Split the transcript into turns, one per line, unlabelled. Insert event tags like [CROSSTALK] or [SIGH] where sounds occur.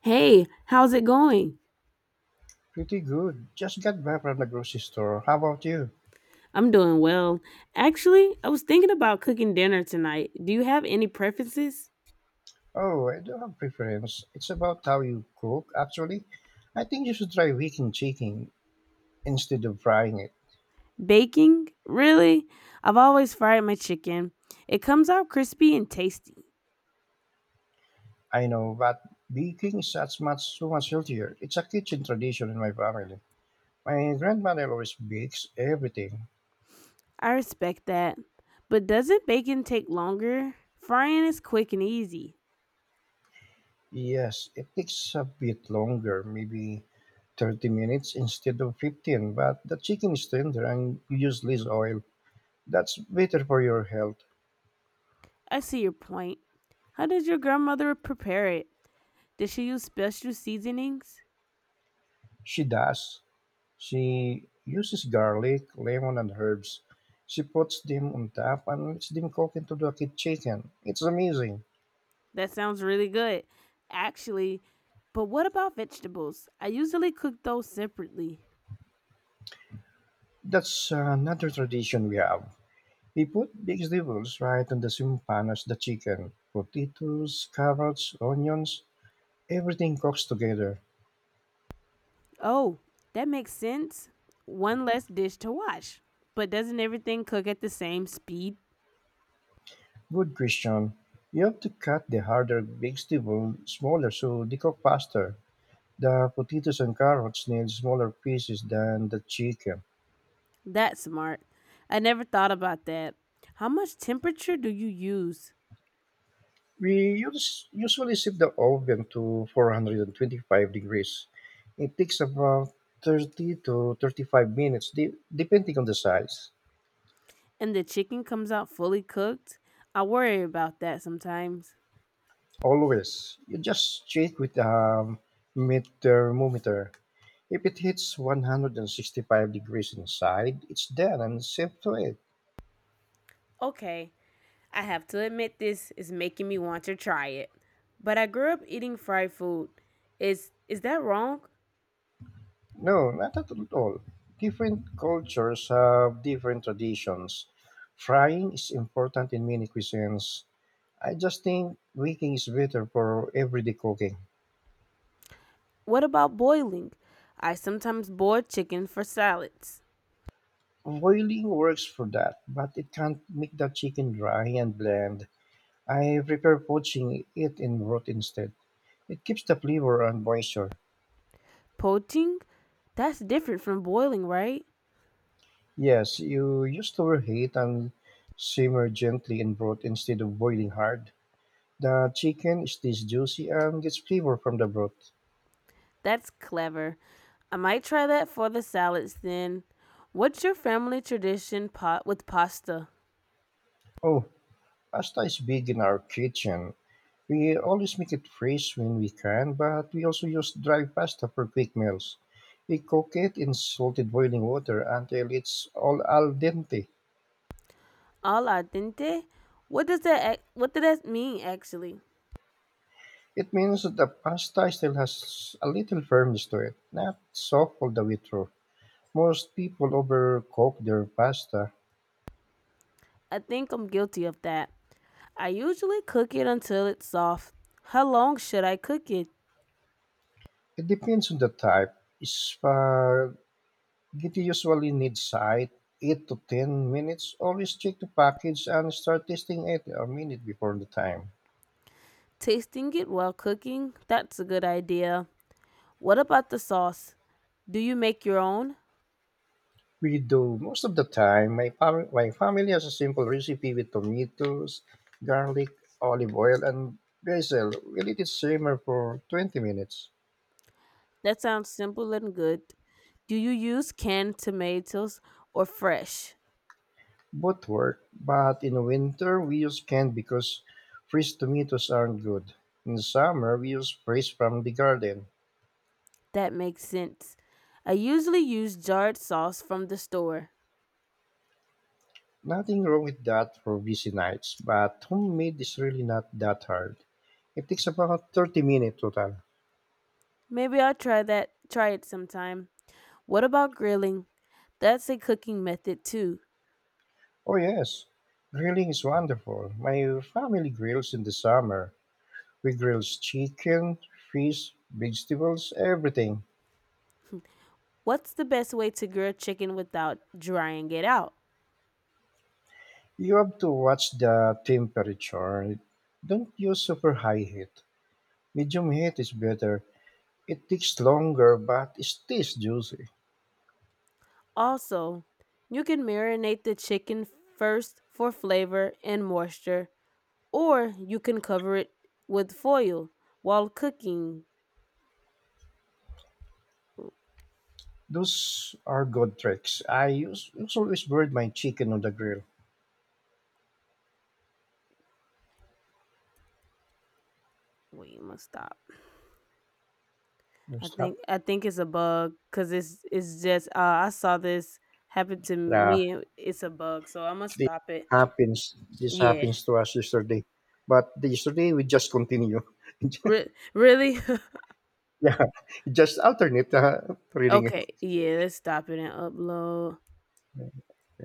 Hey, how's it going?
Pretty good. Just got back from the grocery store. How about you?
I'm doing well. Actually, I was thinking about cooking dinner tonight. Do you have any preferences?
Oh, I don't have preference. It's about how you cook, actually. I think you should try baking chicken instead of frying it.
Baking? Really? I've always fried my chicken. It comes out crispy and tasty.
I know, but baking is such much so much healthier. It's a kitchen tradition in my family. My grandmother always bakes everything.
I respect that. But doesn't baking take longer? Frying is quick and easy.
Yes, it takes a bit longer, maybe 30 minutes instead of 15, but the chicken is tender and you use less oil. That's better for your health.
I see your point. How does your grandmother prepare it? Does she use special seasonings?
She does. She uses garlic, lemon and herbs. She puts them on top and lets them cook into the chicken. It's amazing.
That sounds really good, actually. But what about vegetables? I usually cook those separately.
That's another tradition we have. We put vegetables right on the same pan as the chicken. Potatoes, carrots, onions, everything cooks together.
Oh, that makes sense. One less dish to wash. But doesn't everything cook at the same speed?
Good question. You have to cut the harder vegetable smaller so they cook faster. The potatoes and carrots need smaller pieces than the chicken.
That's smart. I never thought about that. How much temperature do you use?
We use, usually set the oven to 425 degrees. It takes about 30 to 35 minutes, depending on the size.
And the chicken comes out fully cooked? I worry about that sometimes.
Always, you just check with a meat thermometer. If it hits 165 degrees inside, it's done and safe to eat.
Okay, I have to admit, this is making me want to try it. But I grew up eating fried food. Is that wrong?
No, not at all. Different cultures have different traditions. Frying is important in many cuisines, I just think baking is better for everyday cooking.
What about boiling? I sometimes boil chicken for salads.
Boiling works for that, but it can't make the chicken dry and bland. I prefer poaching it in broth instead. It keeps the flavor and moisture.
Poaching? That's different from boiling, right?
Yes, you use to overheat and simmer gently in broth instead of boiling hard. The chicken stays juicy and gets flavor from the broth.
That's clever. I might try that for the salads then. What's your family tradition pot with pasta?
Oh, pasta is big in our kitchen. We always make it fresh when we can, but we also use dry pasta for quick meals. We cook it in salted boiling water until it's all al dente.
Al dente? What does that mean actually?
It means that the pasta still has a little firmness to it, not soft all the way through. Most people overcook their pasta.
I think I'm guilty of that. I usually cook it until it's soft. How long should I cook it?
It depends on the type. Spaghetti usually needs 8 to 10 minutes. Always check the package and start tasting it a minute before the time.
Tasting it while cooking? That's a good idea. What about the sauce? Do you make your own?
We do most of the time. My family has a simple recipe with tomatoes, garlic, olive oil, and basil. We let it simmer for 20 minutes.
That sounds simple and good. Do you use canned tomatoes or fresh?
Both work, but in winter we use canned because fresh tomatoes aren't good. In summer we use fresh from the garden.
That makes sense. I usually use jarred sauce from the store.
Nothing wrong with that for busy nights, but homemade is really not that hard. It takes about 30 minutes total.
Maybe I'll try that try it sometime. What about grilling? That's a cooking method too.
Oh, yes. Grilling is wonderful. My family grills in the summer. We grills chicken, fish, vegetables, everything.
What's the best way to grill chicken without drying it out?
You have to watch the temperature. Don't use super high heat. Medium heat is better. It takes longer, but it tastes juicy.
Also, you can marinate the chicken first for flavor and moisture, or you can cover it with foil while cooking.
Those are good tricks. I use, always burn my chicken on the grill.
Wait, I must stop. I think
Stop.
I think it's a bug because it's just I saw this happen to
Yeah,
me. It's a bug, so I must
this
stop it.
happens. This
Yeah,
happens to us yesterday. But yesterday we just continue.
Really? [LAUGHS]
Yeah, [LAUGHS] just alternate reading.
Okay, yeah. Let's stop it and upload.